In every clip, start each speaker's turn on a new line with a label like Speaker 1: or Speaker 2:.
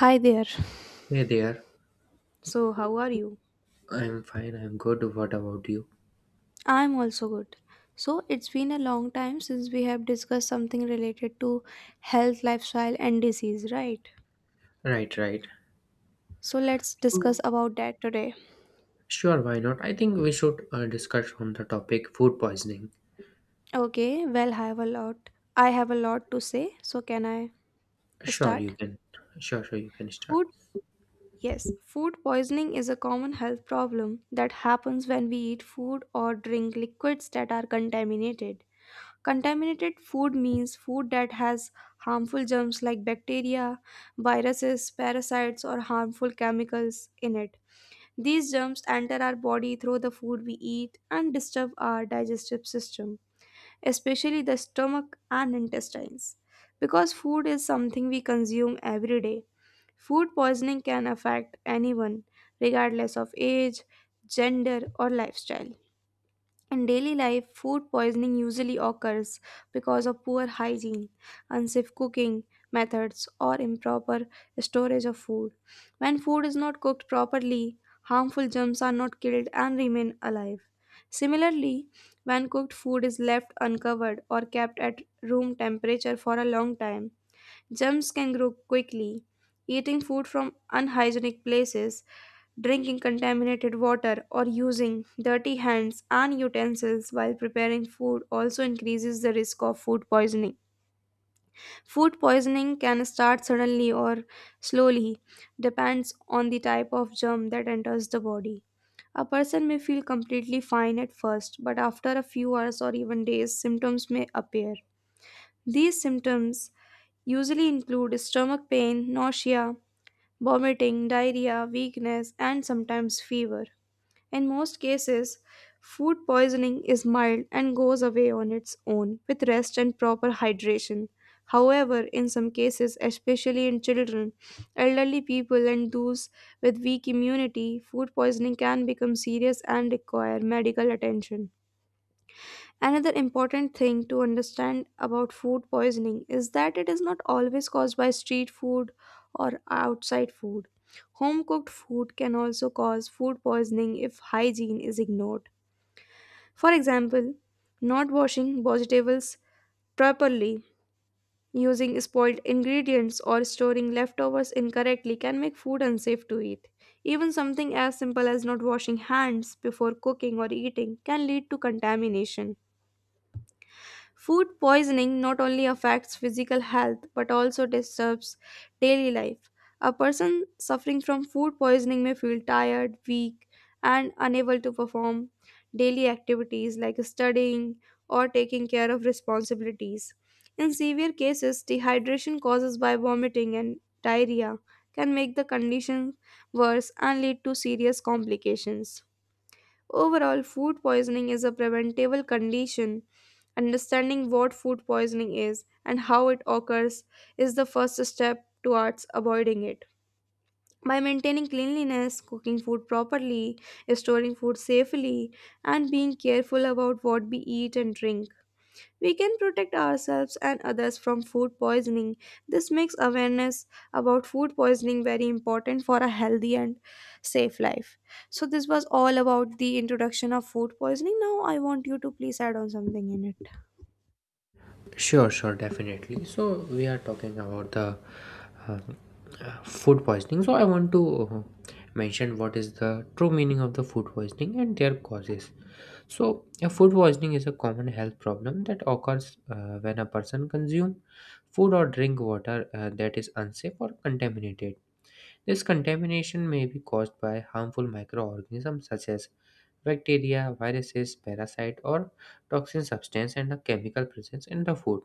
Speaker 1: Hi there.
Speaker 2: Hey there.
Speaker 1: So, how are you?
Speaker 2: I'm fine. I'm good. What about you?
Speaker 1: I'm also good. So, it's been a long time since we have discussed something related to health, lifestyle, and disease, right?
Speaker 2: Right, right.
Speaker 1: So, let's discuss
Speaker 2: So,
Speaker 1: about that today.
Speaker 2: sure, why not? I think we should discuss on the topic food poisoning.
Speaker 1: Okay, well, I have a lot to say. So, can I
Speaker 2: Sure,
Speaker 1: start?
Speaker 2: you can. Sure, sure, you can start.
Speaker 1: Food? Yes. Food poisoning is a common health problem that happens when we eat food or drink liquids that are contaminated. Contaminated food means food that has harmful germs like bacteria, viruses, parasites, or harmful chemicals in it. These germs enter our body through the food we eat and disturb our digestive system, especially the stomach and intestines. Because food is something we consume every day, food poisoning can affect anyone, regardless of age, gender, or lifestyle. In daily life, food poisoning usually occurs because of poor hygiene, unsafe cooking methods, or improper storage of food. When food is not cooked properly, harmful germs are not killed and remain alive. Similarly, when cooked food is left uncovered or kept at room temperature for a long time, germs can grow quickly. Eating food from unhygienic places, drinking contaminated water, or using dirty hands and utensils while preparing food also increases the risk of food poisoning. Food poisoning can start suddenly or slowly, depends on the type of germ that enters the body. A person may feel completely fine at first, but after a few hours or even days, symptoms may appear. These symptoms usually include stomach pain, nausea, vomiting, diarrhea, weakness, and sometimes fever. In most cases, food poisoning is mild and goes away on its own with rest and proper hydration. However, in some cases, especially in children, elderly people, and those with weak immunity, food poisoning can become serious and require medical attention. Another important thing to understand about food poisoning is that it is not always caused by street food or outside food. Home cooked food can also cause food poisoning if hygiene is ignored. For example, not washing vegetables properly, using spoiled ingredients, or storing leftovers incorrectly can make food unsafe to eat. Even something as simple as not washing hands before cooking or eating can lead to contamination. Food poisoning not only affects physical health but also disturbs daily life. A person suffering from food poisoning may feel tired, weak, and unable to perform daily activities like studying or taking care of responsibilities. In severe cases, dehydration caused by vomiting and diarrhea can make the condition worse and lead to serious complications. Overall, food poisoning is a preventable condition. Understanding what food poisoning is and how it occurs is the first step towards avoiding it. By maintaining cleanliness, cooking food properly, storing food safely, and being careful about what we eat and drink, we can protect ourselves and others from food poisoning. This makes awareness about food poisoning very important for a healthy and safe life. So, this was all about the introduction of food poisoning. Now, I want you to please add on something in it.
Speaker 2: Sure, sure, definitely. So, we are talking about the uh, food poisoning. So, I want to mention what is the true meaning of the food poisoning and their causes. So, food poisoning is a common health problem that occurs when a person consumes food or drink water that is unsafe or contaminated. This contamination may be caused by harmful microorganisms such as bacteria, viruses, parasite, or toxin substance and a chemical presence in the food.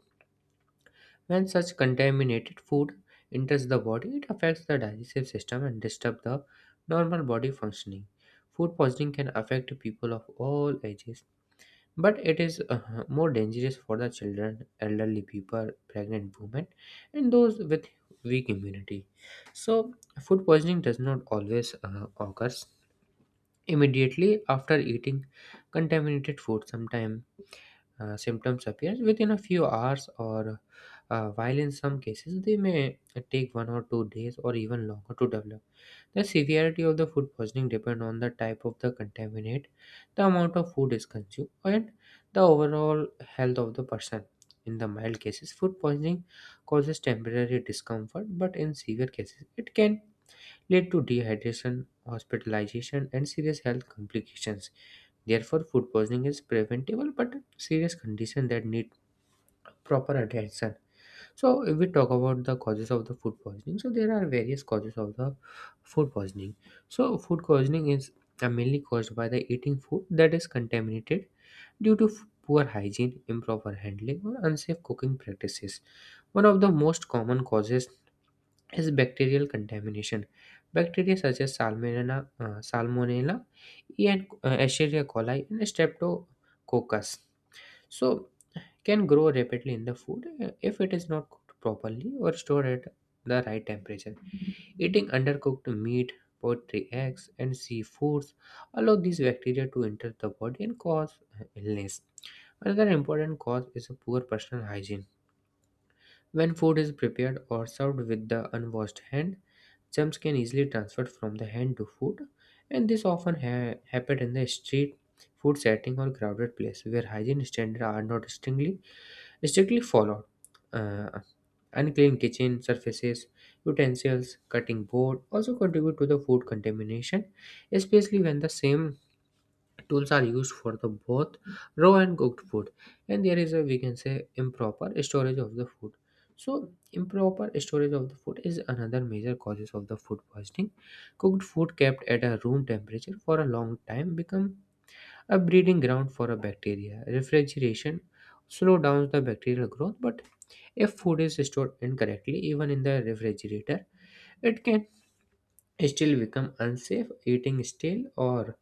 Speaker 2: When such contaminated food enters the body, it affects the digestive system and disturbs the normal body functioning. Food poisoning can affect people of all ages, but it is more dangerous for the children, elderly people, pregnant women, and those with weak immunity. So food poisoning does not always occurs immediately after eating contaminated food. Sometimes symptoms appear within a few hours, or while in some cases they may take 1 or 2 days or even longer to develop. The severity of the food poisoning depends on the type of the contaminant, the amount of food is consumed, and the overall health of the person. In the mild cases, food poisoning causes temporary discomfort, but in severe cases, it can lead to dehydration, hospitalization, and serious health complications. Therefore, food poisoning is preventable but serious condition that need proper attention. So if we talk about the causes of the food poisoning, so there are various causes of the food poisoning. So food poisoning is mainly caused by the eating food that is contaminated due to poor hygiene, improper handling, or unsafe cooking practices. One of the most common causes is bacterial contamination. Bacteria such as Salmonella, E. and Escherichia coli, and Streptococcus, so, can grow rapidly in the food if it is not cooked properly or stored at the right temperature. Eating undercooked meat, poultry, eggs, and seafoods allow these bacteria to enter the body and cause illness. Another important cause is a poor personal hygiene. When food is prepared or served with the unwashed hand, germs can easily transfer from the hand to food, and this often happens in the street food setting or crowded place where hygiene standards are not strictly followed. Uh, Unclean kitchen surfaces, utensils, cutting board also contribute to the food contamination, especially when the same tools are used for the both raw and cooked food. And there is a, we can say, improper storage of the food. So improper storage of the food is another major causes of the food poisoning. Cooked food kept at a room temperature for a long time become a breeding ground for a bacteria. Refrigeration slow down the bacterial growth, but if food is stored incorrectly, even in the refrigerator, it can still become unsafe. Eating stale or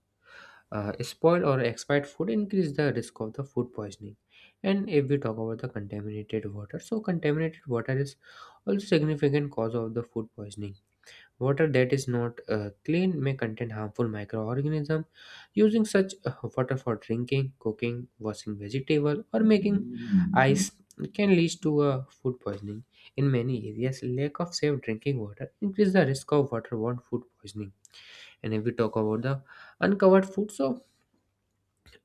Speaker 2: spoiled or expired food increase the risk of the food poisoning. And if we talk about the contaminated water, so contaminated water is also significant cause of the food poisoning. Water that is not clean may contain harmful microorganisms. Using such water for drinking, cooking, washing vegetable, or making ice can lead to food poisoning. In many areas, lack of safe drinking water increase the risk of waterborne food poisoning. And if we talk about the uncovered food, so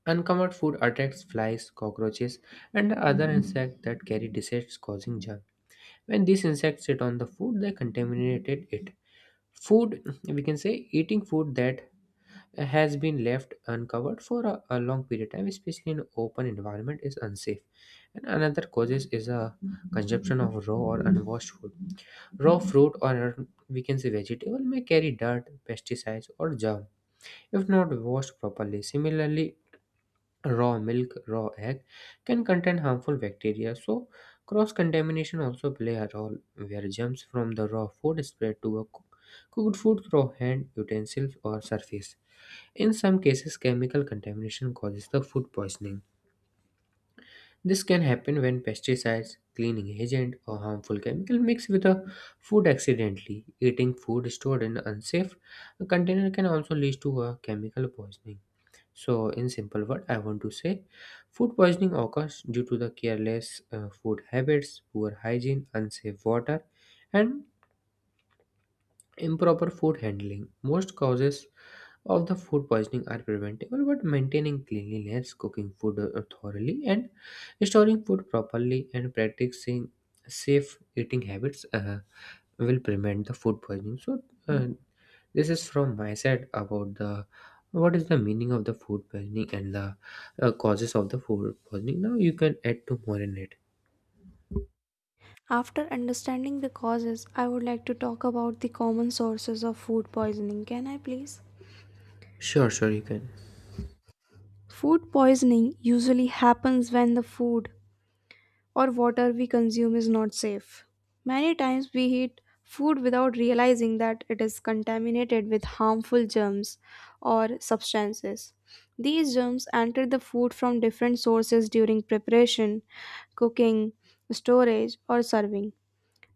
Speaker 2: uncovered food attracts flies, cockroaches, and other insects that carry disease causing germs. When these insects sit on the food, they contaminated it food, we can say, eating food that has been left uncovered for a long period of time, especially in open environment, is unsafe. And another causes is a consumption of raw or unwashed food. Raw fruit, or we can say vegetable, may carry dirt, pesticides, or germ if not washed properly. Similarly, raw milk, raw egg can contain harmful bacteria. So, cross contamination also play a role where germs from the raw food spread to a cooked food through hand, utensils, or surface. In some cases, chemical contamination causes the food poisoning. This can happen when pesticides, cleaning agent, or harmful chemical mix with the food accidentally. Eating food stored in unsafe container can also lead to a chemical poisoning. So, in simple word, I want to say food poisoning occurs due to the careless food habits, poor hygiene, unsafe water, and improper food handling. Most causes of the food poisoning are preventable, but maintaining cleanliness, cooking food thoroughly, and storing food properly, and practicing safe eating habits will prevent the food poisoning. So, uh, this is from my side about the what is the meaning of the food poisoning and the causes of the food poisoning. Now, you can add to more in it.
Speaker 1: After understanding the causes, I would like to talk about the common sources of food poisoning. Can I please?
Speaker 2: Sure, sure, you can.
Speaker 1: Food poisoning usually happens when the food or water we consume is not safe. Many times we eat food without realizing that it is contaminated with harmful germs or substances. These germs enter the food from different sources during preparation, cooking, storage, or serving.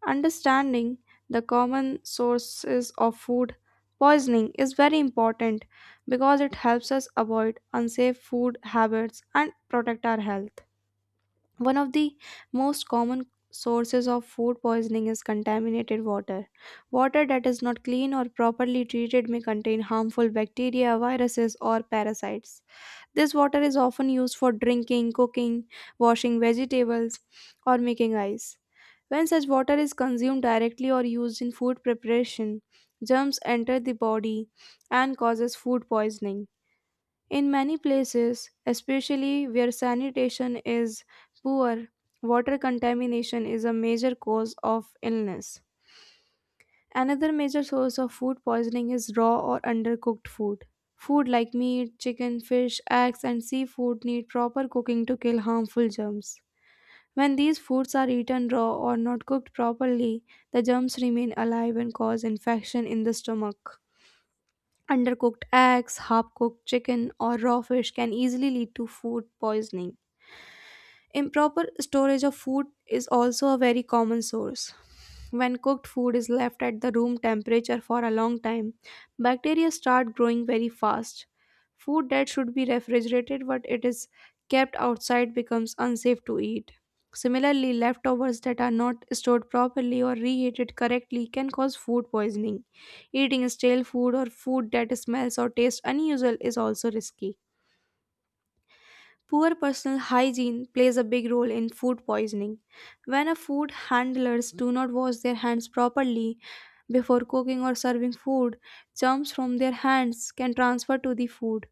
Speaker 1: Understanding the common sources of food poisoning is very important because it helps us avoid unsafe food habits and protect our health. One of the most common sources of food poisoning is contaminated water. Water that is not clean or properly treated may contain harmful bacteria, viruses, or parasites. This water is often used for drinking, cooking, washing vegetables, or making ice. When such water is consumed directly or used in food preparation, germs enter the body and causes food poisoning. In many places, especially where sanitation is poor, water contamination is a major cause of illness. Another major source of food poisoning is raw or undercooked food. Food like meat, chicken, fish, eggs, and seafood need proper cooking to kill harmful germs. When these foods are eaten raw or not cooked properly, the germs remain alive and cause infection in the stomach. Undercooked eggs, half cooked chicken, or raw fish can easily lead to food poisoning. Improper storage of food is also a very common source. When cooked food is left at the room temperature for a long time, bacteria start growing very fast. Food that should be refrigerated but it is kept outside becomes unsafe to eat. Similarly, leftovers that are not stored properly or reheated correctly can cause food poisoning. Eating stale food or food that smells or tastes unusual is also risky. Poor personal hygiene plays a big role in food poisoning. When a food handlers do not wash their hands properly before cooking or serving food, germs from their hands can transfer to the food.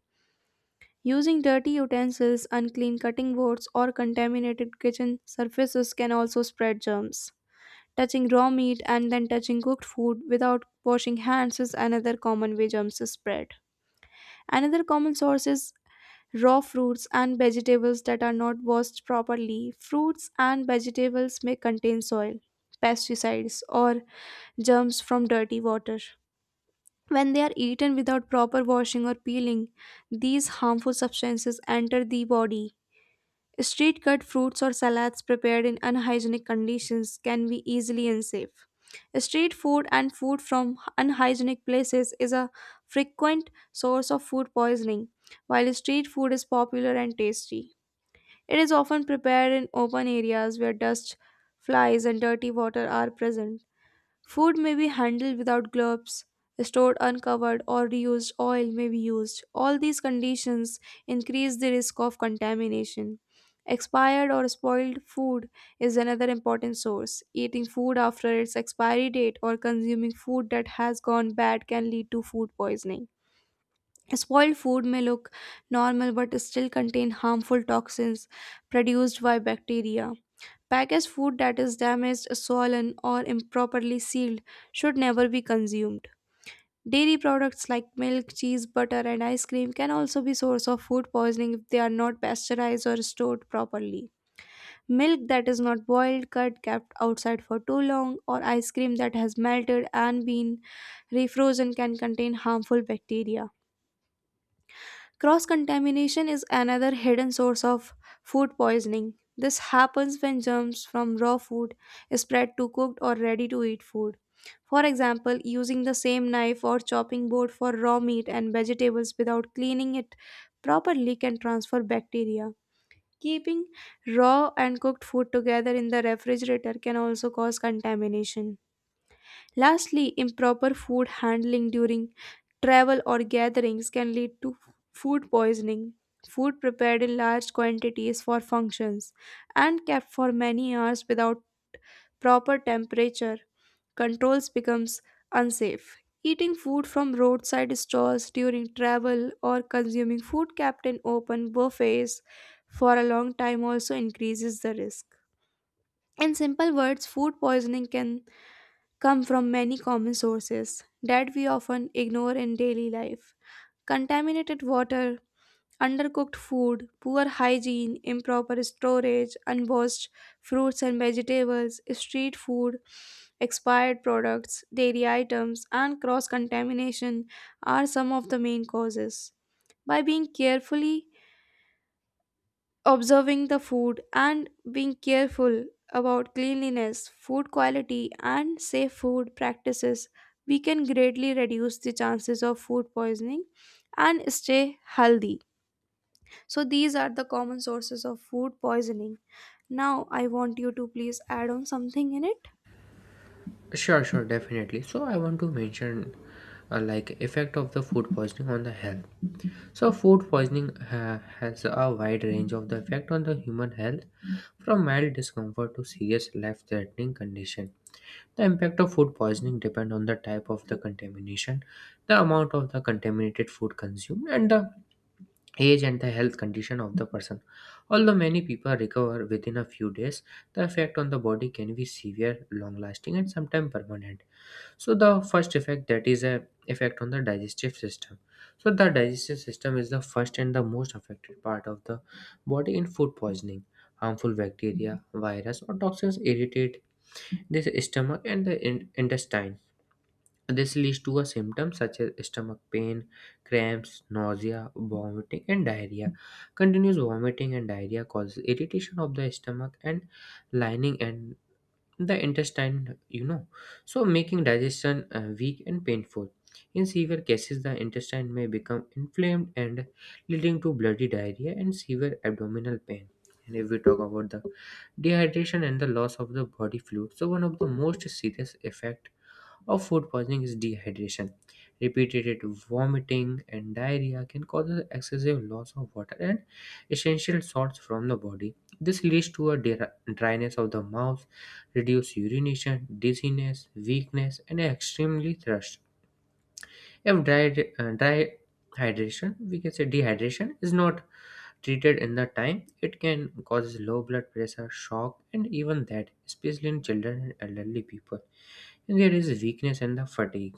Speaker 1: Using dirty utensils, unclean cutting boards, or contaminated kitchen surfaces can also spread germs. Touching raw meat and then touching cooked food without washing hands is another common way germs spread. Another common source is raw fruits and vegetables that are not washed properly. Fruits and vegetables may contain soil, pesticides, or germs from dirty water. When they are eaten without proper washing or peeling, these harmful substances enter the body. Street cut fruits or salads prepared in unhygienic conditions can be easily unsafe. Street food and food from unhygienic places is a frequent source of food poisoning. While street food is popular and tasty, it is often prepared in open areas where dust, flies, and dirty water are present. Food may be handled without gloves, stored uncovered, or reused oil may be used. All these conditions increase the risk of contamination. Expired or spoiled food is another important source. Eating food after its expiry date or consuming food that has gone bad can lead to food poisoning. Spoiled food may look normal but still contain harmful toxins produced by bacteria. Packaged food that is damaged, swollen, or improperly sealed should never be consumed. Dairy products like milk, cheese, butter, and ice cream can also be source of food poisoning if they are not pasteurized or stored properly. Milk that is not boiled, cut, kept outside for too long, or ice cream that has melted and been refrozen can contain harmful bacteria. Cross contamination is another hidden source of food poisoning. This happens when germs from raw food is spread to cooked or ready to eat food. For example, using the same knife or chopping board for raw meat and vegetables without cleaning it properly can transfer bacteria. Keeping raw and cooked food together in the refrigerator can also cause contamination. Lastly, improper food handling during travel or gatherings can lead to food poisoning. Food prepared in large quantities for functions and kept for many hours without proper temperature controls becomes unsafe. Eating food from roadside stalls during travel or consuming food kept in open buffets for a long time also increases the risk. In simple words, food poisoning can come from many common sources that we often ignore in daily life. Contaminated water, undercooked food, poor hygiene, improper storage, unwashed fruits and vegetables, street food, expired products, dairy items, and cross contamination are some of the main causes. By being carefully observing the food and being careful about cleanliness, food quality, and safe food practices, we can greatly reduce the chances of food poisoning and stay healthy. So, these are the common sources of food poisoning. Now, I want you to please add on something in it.
Speaker 2: Sure, sure, definitely. So I want to mention like effect of the food poisoning on the health. So food poisoning has a wide range of the effect on the human health, from mild discomfort to serious life-threatening condition. The impact of food poisoning depend on the type of the contamination, the amount of the contaminated food consumed, and the age and the health condition of the person. Although many people recover within a few days, the effect on the body can be severe, long-lasting, and sometimes permanent. So the first effect, that is a effect on the digestive system. So the digestive system is the first and the most affected part of the body in food poisoning. Harmful bacteria, virus, or toxins irritate this stomach and the intestine. This leads to a symptom such as stomach pain, cramps, nausea, vomiting, and diarrhea. Continuous vomiting and diarrhea causes irritation of the stomach and lining and the intestine, so making digestion weak and painful. In severe cases, the intestine may become inflamed and leading to bloody diarrhea and severe abdominal pain. And if we talk about the dehydration and the loss of the body fluid, so one of the most serious effect of food poisoning is dehydration. Repeated vomiting and diarrhea can cause excessive loss of water and essential salts from the body. This leads to a dryness of the mouth, reduced urination, dizziness, weakness, and extremely thirst. If dry hydration, we can say dehydration, is not treated in the time, it can cause low blood pressure, shock, and even that, especially in children and elderly people. And there is weakness and the fatigue.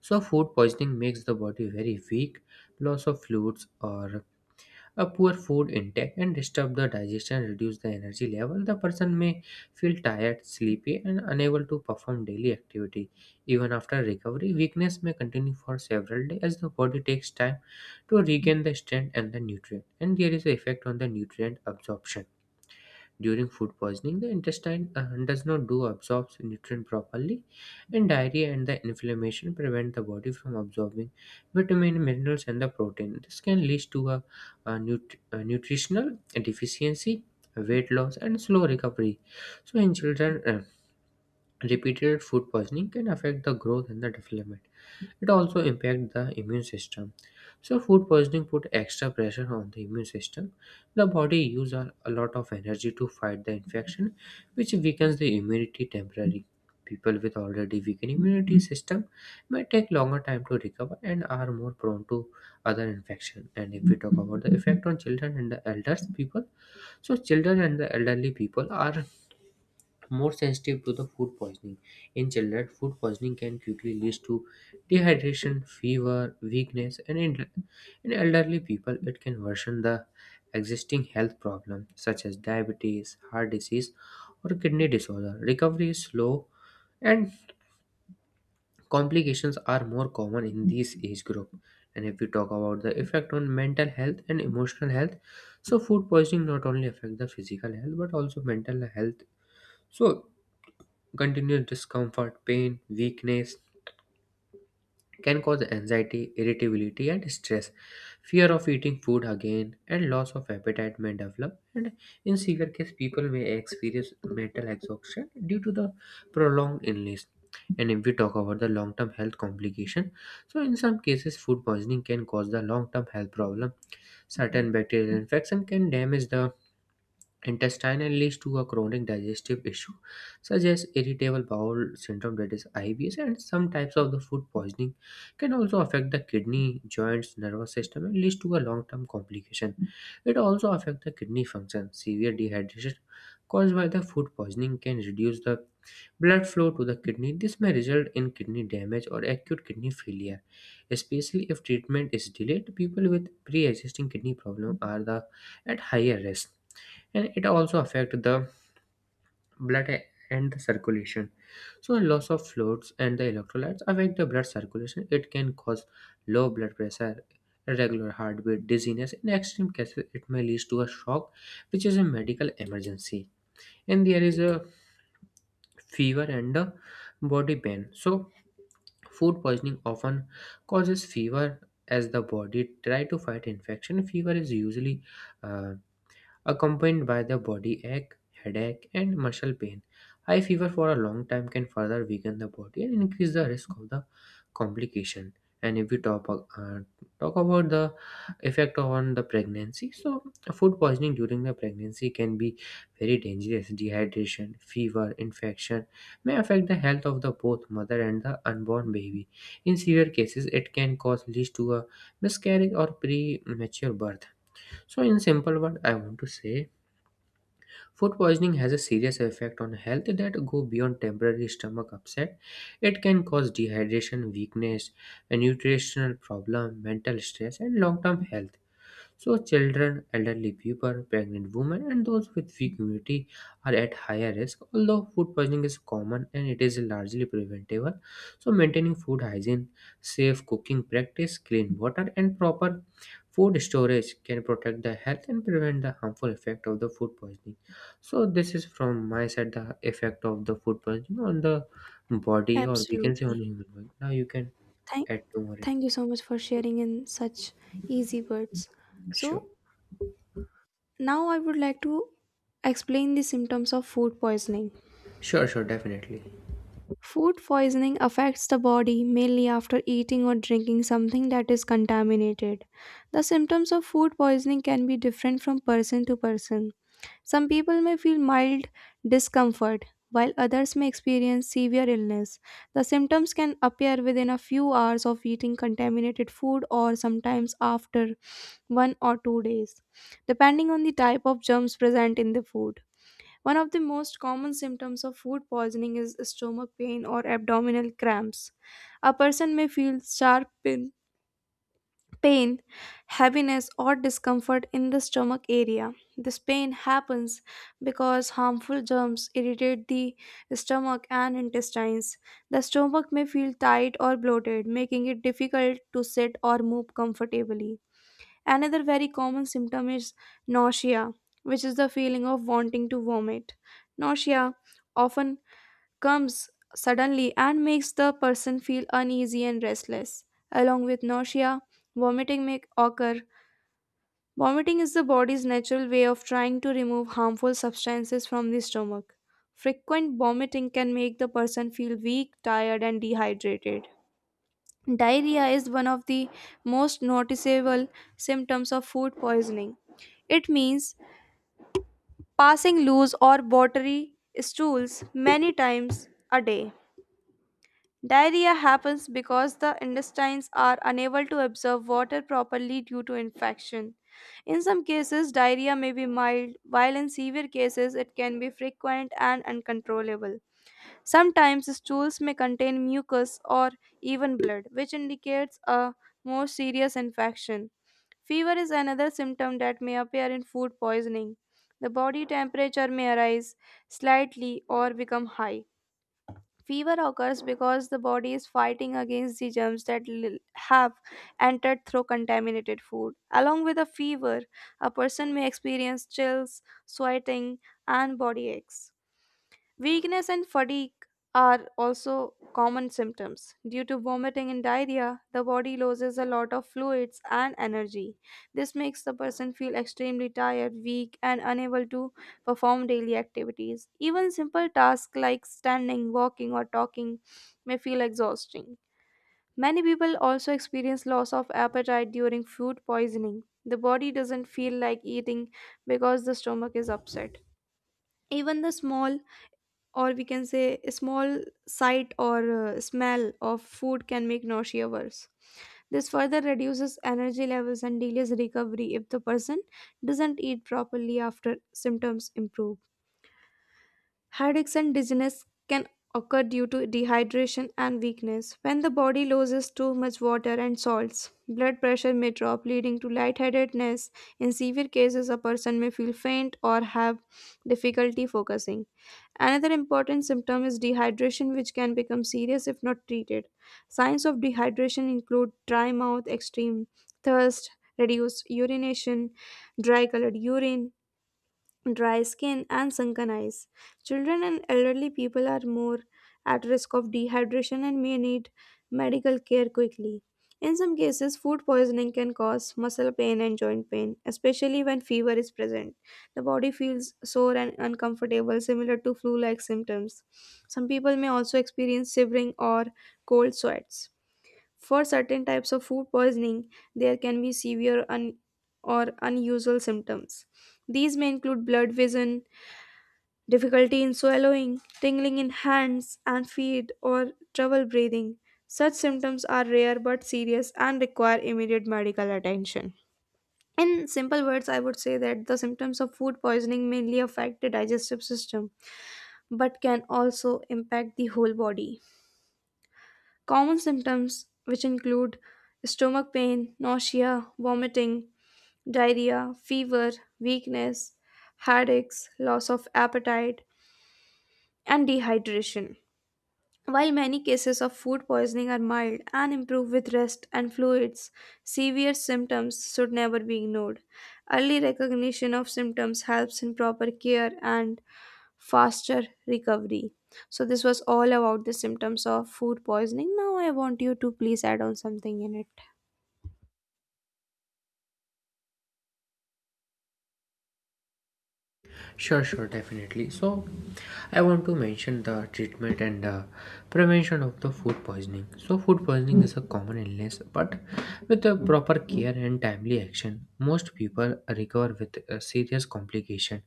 Speaker 2: So, food poisoning makes the body very weak, loss of fluids, or a poor food intake and disturb the digestion, reduce the energy level. The person may feel tired, sleepy, and unable to perform daily activity. Even after recovery, weakness may continue for several days as the body takes time to regain the strength and the nutrient. And there is an effect on the nutrient absorption. During food poisoning, the intestine does not do absorbs nutrient properly, and diarrhea and the inflammation prevent the body from absorbing vitamin, minerals, and the protein. This can lead to a nutritional deficiency, weight loss, and slow recovery. So, in children, repeated food poisoning can affect the growth and the development. It also impacts the immune system. So food poisoning put extra pressure on the immune system. The body uses a lot of energy to fight the infection, which weakens the immunity temporarily. People with already weakened immunity system may take longer time to recover and are more prone to other infection. And if we talk about the effect on children and the elders people, so children and the elderly people are more sensitive to the food poisoning. In children, food poisoning can quickly lead to dehydration, fever, weakness, and in elderly people, it can worsen the existing health problems such as diabetes, heart disease, or kidney disorder. Recovery is slow, and complications are more common in this age group. And if we talk about the effect on mental health and emotional health, so food poisoning not only affect the physical health but also mental health. So continuous discomfort, pain, weakness can cause anxiety, irritability, and stress. Fear of eating food again and loss of appetite may develop. And in severe case, people may experience mental exhaustion due to the prolonged illness. And if we talk about the long-term health complication, so in some cases, food poisoning can cause the long-term health problem. Certain bacterial infection can damage the intestinal leads to a chronic digestive issue such as irritable bowel syndrome, that is IBS, and some types of the food poisoning can also affect the kidney joints nervous system and leads to a long-term complication. It also affects the kidney function. Severe dehydration caused by the food poisoning can reduce the blood flow to the kidney. This may result in kidney damage or acute kidney failure, especially if treatment is delayed. People with pre-existing kidney problem are the at higher risk. And it also affect the blood and the circulation. So loss of fluids and the electrolytes affect the blood circulation. It can cause low blood pressure, irregular heartbeat, dizziness. In extreme cases it may lead to a shock, which is a medical emergency. And there is a fever and a body pain. So food poisoning often causes fever as the body try to fight infection. Fever is usually uh, accompanied by the body ache, headache, and muscle pain. High fever for a long time can further weaken the body and increase the risk of the complication. And if we talk, uh, talk about the effect on the pregnancy, so food poisoning during the pregnancy can be very dangerous. Dehydration, fever, infection may affect the health of the both mother and the unborn baby. In severe cases, it can cause lead to a miscarriage or premature birth. So, in simple words, I want to say food poisoning has a serious effect on health that go beyond temporary stomach upset. It can cause dehydration, weakness, a nutritional problem, mental stress, and long-term health. So, children, elderly people, pregnant women, and those with weak immunity are at higher risk. Although food poisoning is common and it is largely preventable, so maintaining food hygiene, safe cooking practice, clean water, and proper food storage can protect the health and prevent the harmful effect of the food poisoning. So, this is from my side the effect of the food poisoning on the body, or we can say
Speaker 1: Absolutely.
Speaker 2: on human body. Now, you can
Speaker 1: Thank,
Speaker 2: add to more.
Speaker 1: Thank you so much for sharing in such easy words.
Speaker 2: Sure,
Speaker 1: So, now I would like to explain the symptoms of food poisoning.
Speaker 2: sure, sure, definitely.
Speaker 1: Food poisoning affects the body mainly after eating or drinking something that is contaminated. The symptoms of food poisoning can be different from person to person. Some people may feel mild discomfort, while others may experience severe illness. The symptoms can appear within a few hours of eating contaminated food or sometimes after 1 or 2 days, depending on the type of germs present in the food. One of the most common symptoms of food poisoning is stomach pain or abdominal cramps. A person may feel sharp pain, pain, heaviness, or discomfort in the stomach area. This pain happens because harmful germs irritate the stomach and intestines. The stomach may feel tight or bloated, making it difficult to sit or move comfortably. Another very common symptom is nausea, which is the feeling of wanting to vomit. Nausea often comes suddenly and makes the person feel uneasy and restless. Along with nausea, vomiting may occur. Vomiting is the body's natural way of trying to remove harmful substances from the stomach. Frequent vomiting can make the person feel weak, tired, and dehydrated. Diarrhea is one of the most noticeable symptoms of food poisoning. It means passing loose or watery stools many times a day. Diarrhea happens because the intestines are unable to absorb water properly due to infection. In some cases, diarrhea may be mild, while in severe cases, it can be frequent and uncontrollable. Sometimes stools may contain mucus or even blood, which indicates a more serious infection. Fever is another symptom that may appear in food poisoning. The body temperature may rise slightly or become high. Fever occurs because the body is fighting against the germs that have entered through contaminated food. Along with a fever, a person may experience chills, sweating, and body aches. Weakness and fatigue are also common symptoms. Due to vomiting and diarrhea, the body loses a lot of fluids and energy. This makes the person feel extremely tired, weak, and unable to perform daily activities. Even simple tasks like standing, walking, or talking may feel exhausting. Many people also experience loss of appetite during food poisoning. The body doesn't feel like eating because the stomach is upset. Even the small sight or smell of food can make nausea worse. This further reduces energy levels and delays recovery if the person doesn't eat properly after symptoms improve. Headaches and dizziness can occur due to dehydration and weakness. When the body loses too much water and salts, blood pressure may drop, leading to lightheadedness. In severe cases, a person may feel faint or have difficulty focusing. Another important symptom is dehydration, which can become serious if not treated. Signs of dehydration include dry mouth, extreme thirst, reduced urination, dry colored urine, dry skin, and sunken eyes. Children and elderly people are more at risk of dehydration and may need medical care quickly. In some cases, food poisoning can cause muscle pain and joint pain, especially when fever is present. The body feels sore and uncomfortable, similar to flu like symptoms. Some people may also experience shivering or cold sweats. For certain types of food poisoning, there can be severe un- or unusual symptoms. These may include blood vision, difficulty in swallowing, tingling in hands and feet, or trouble breathing. Such symptoms are rare but serious and require immediate medical attention. In simple words, I would say that the symptoms of food poisoning mainly affect the digestive system but can also impact the whole body. Common symptoms, which include stomach pain, nausea, vomiting, diarrhea, fever, weakness, headaches, loss of appetite, and dehydration. While many cases of food poisoning are mild and improve with rest and fluids, severe symptoms should never be ignored. Early recognition of symptoms helps in proper care and faster recovery. So, this was all about the symptoms of food poisoning. Now, I want you to please add on something in it.
Speaker 2: Sure, sure, definitely. So, I want to mention the treatment and prevention of the food poisoning. So, food poisoning is a common illness, but with the proper care and timely action, most people recover with a serious complication.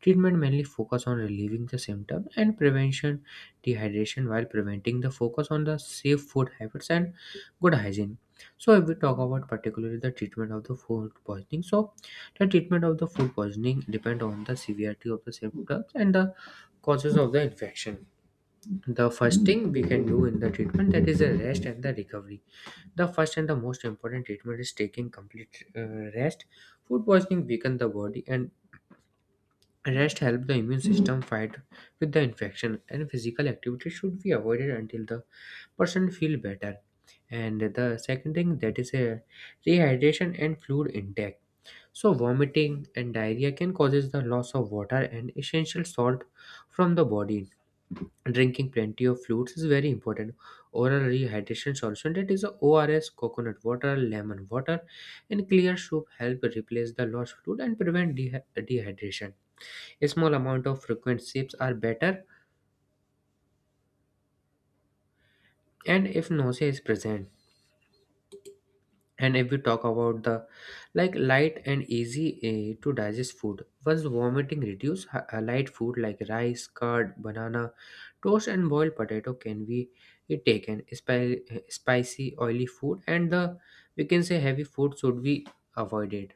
Speaker 2: Treatment mainly focus on relieving the symptom and prevention dehydration, while preventing the focus on the safe food habits and good hygiene. So, if we talk about particularly the treatment of the food poisoning, so the treatment of the food poisoning depend on the severity of the symptoms and the causes of the infection. The first thing we can do in the treatment, that is the rest and the recovery. The first and the most important treatment is taking complete rest. Food poisoning weaken the body, and rest help the immune system fight with the infection, and physical activity should be avoided until the person feel better. And the second thing, that is a rehydration and fluid intake. So vomiting and diarrhea can causes the loss of water and essential salt from the body. Drinking plenty of fluids is very important. Oral rehydration solution, that is ORS, coconut water, lemon water, and clear soup help replace the lost fluid and prevent dehydration. A small amount of frequent sips are better, and if nausea is present. And if we talk about the like light and easy to digest food once vomiting reduce, light food like rice curd banana toast and boiled potato can be taken. Spicy oily food and the, we can say, heavy food should be avoided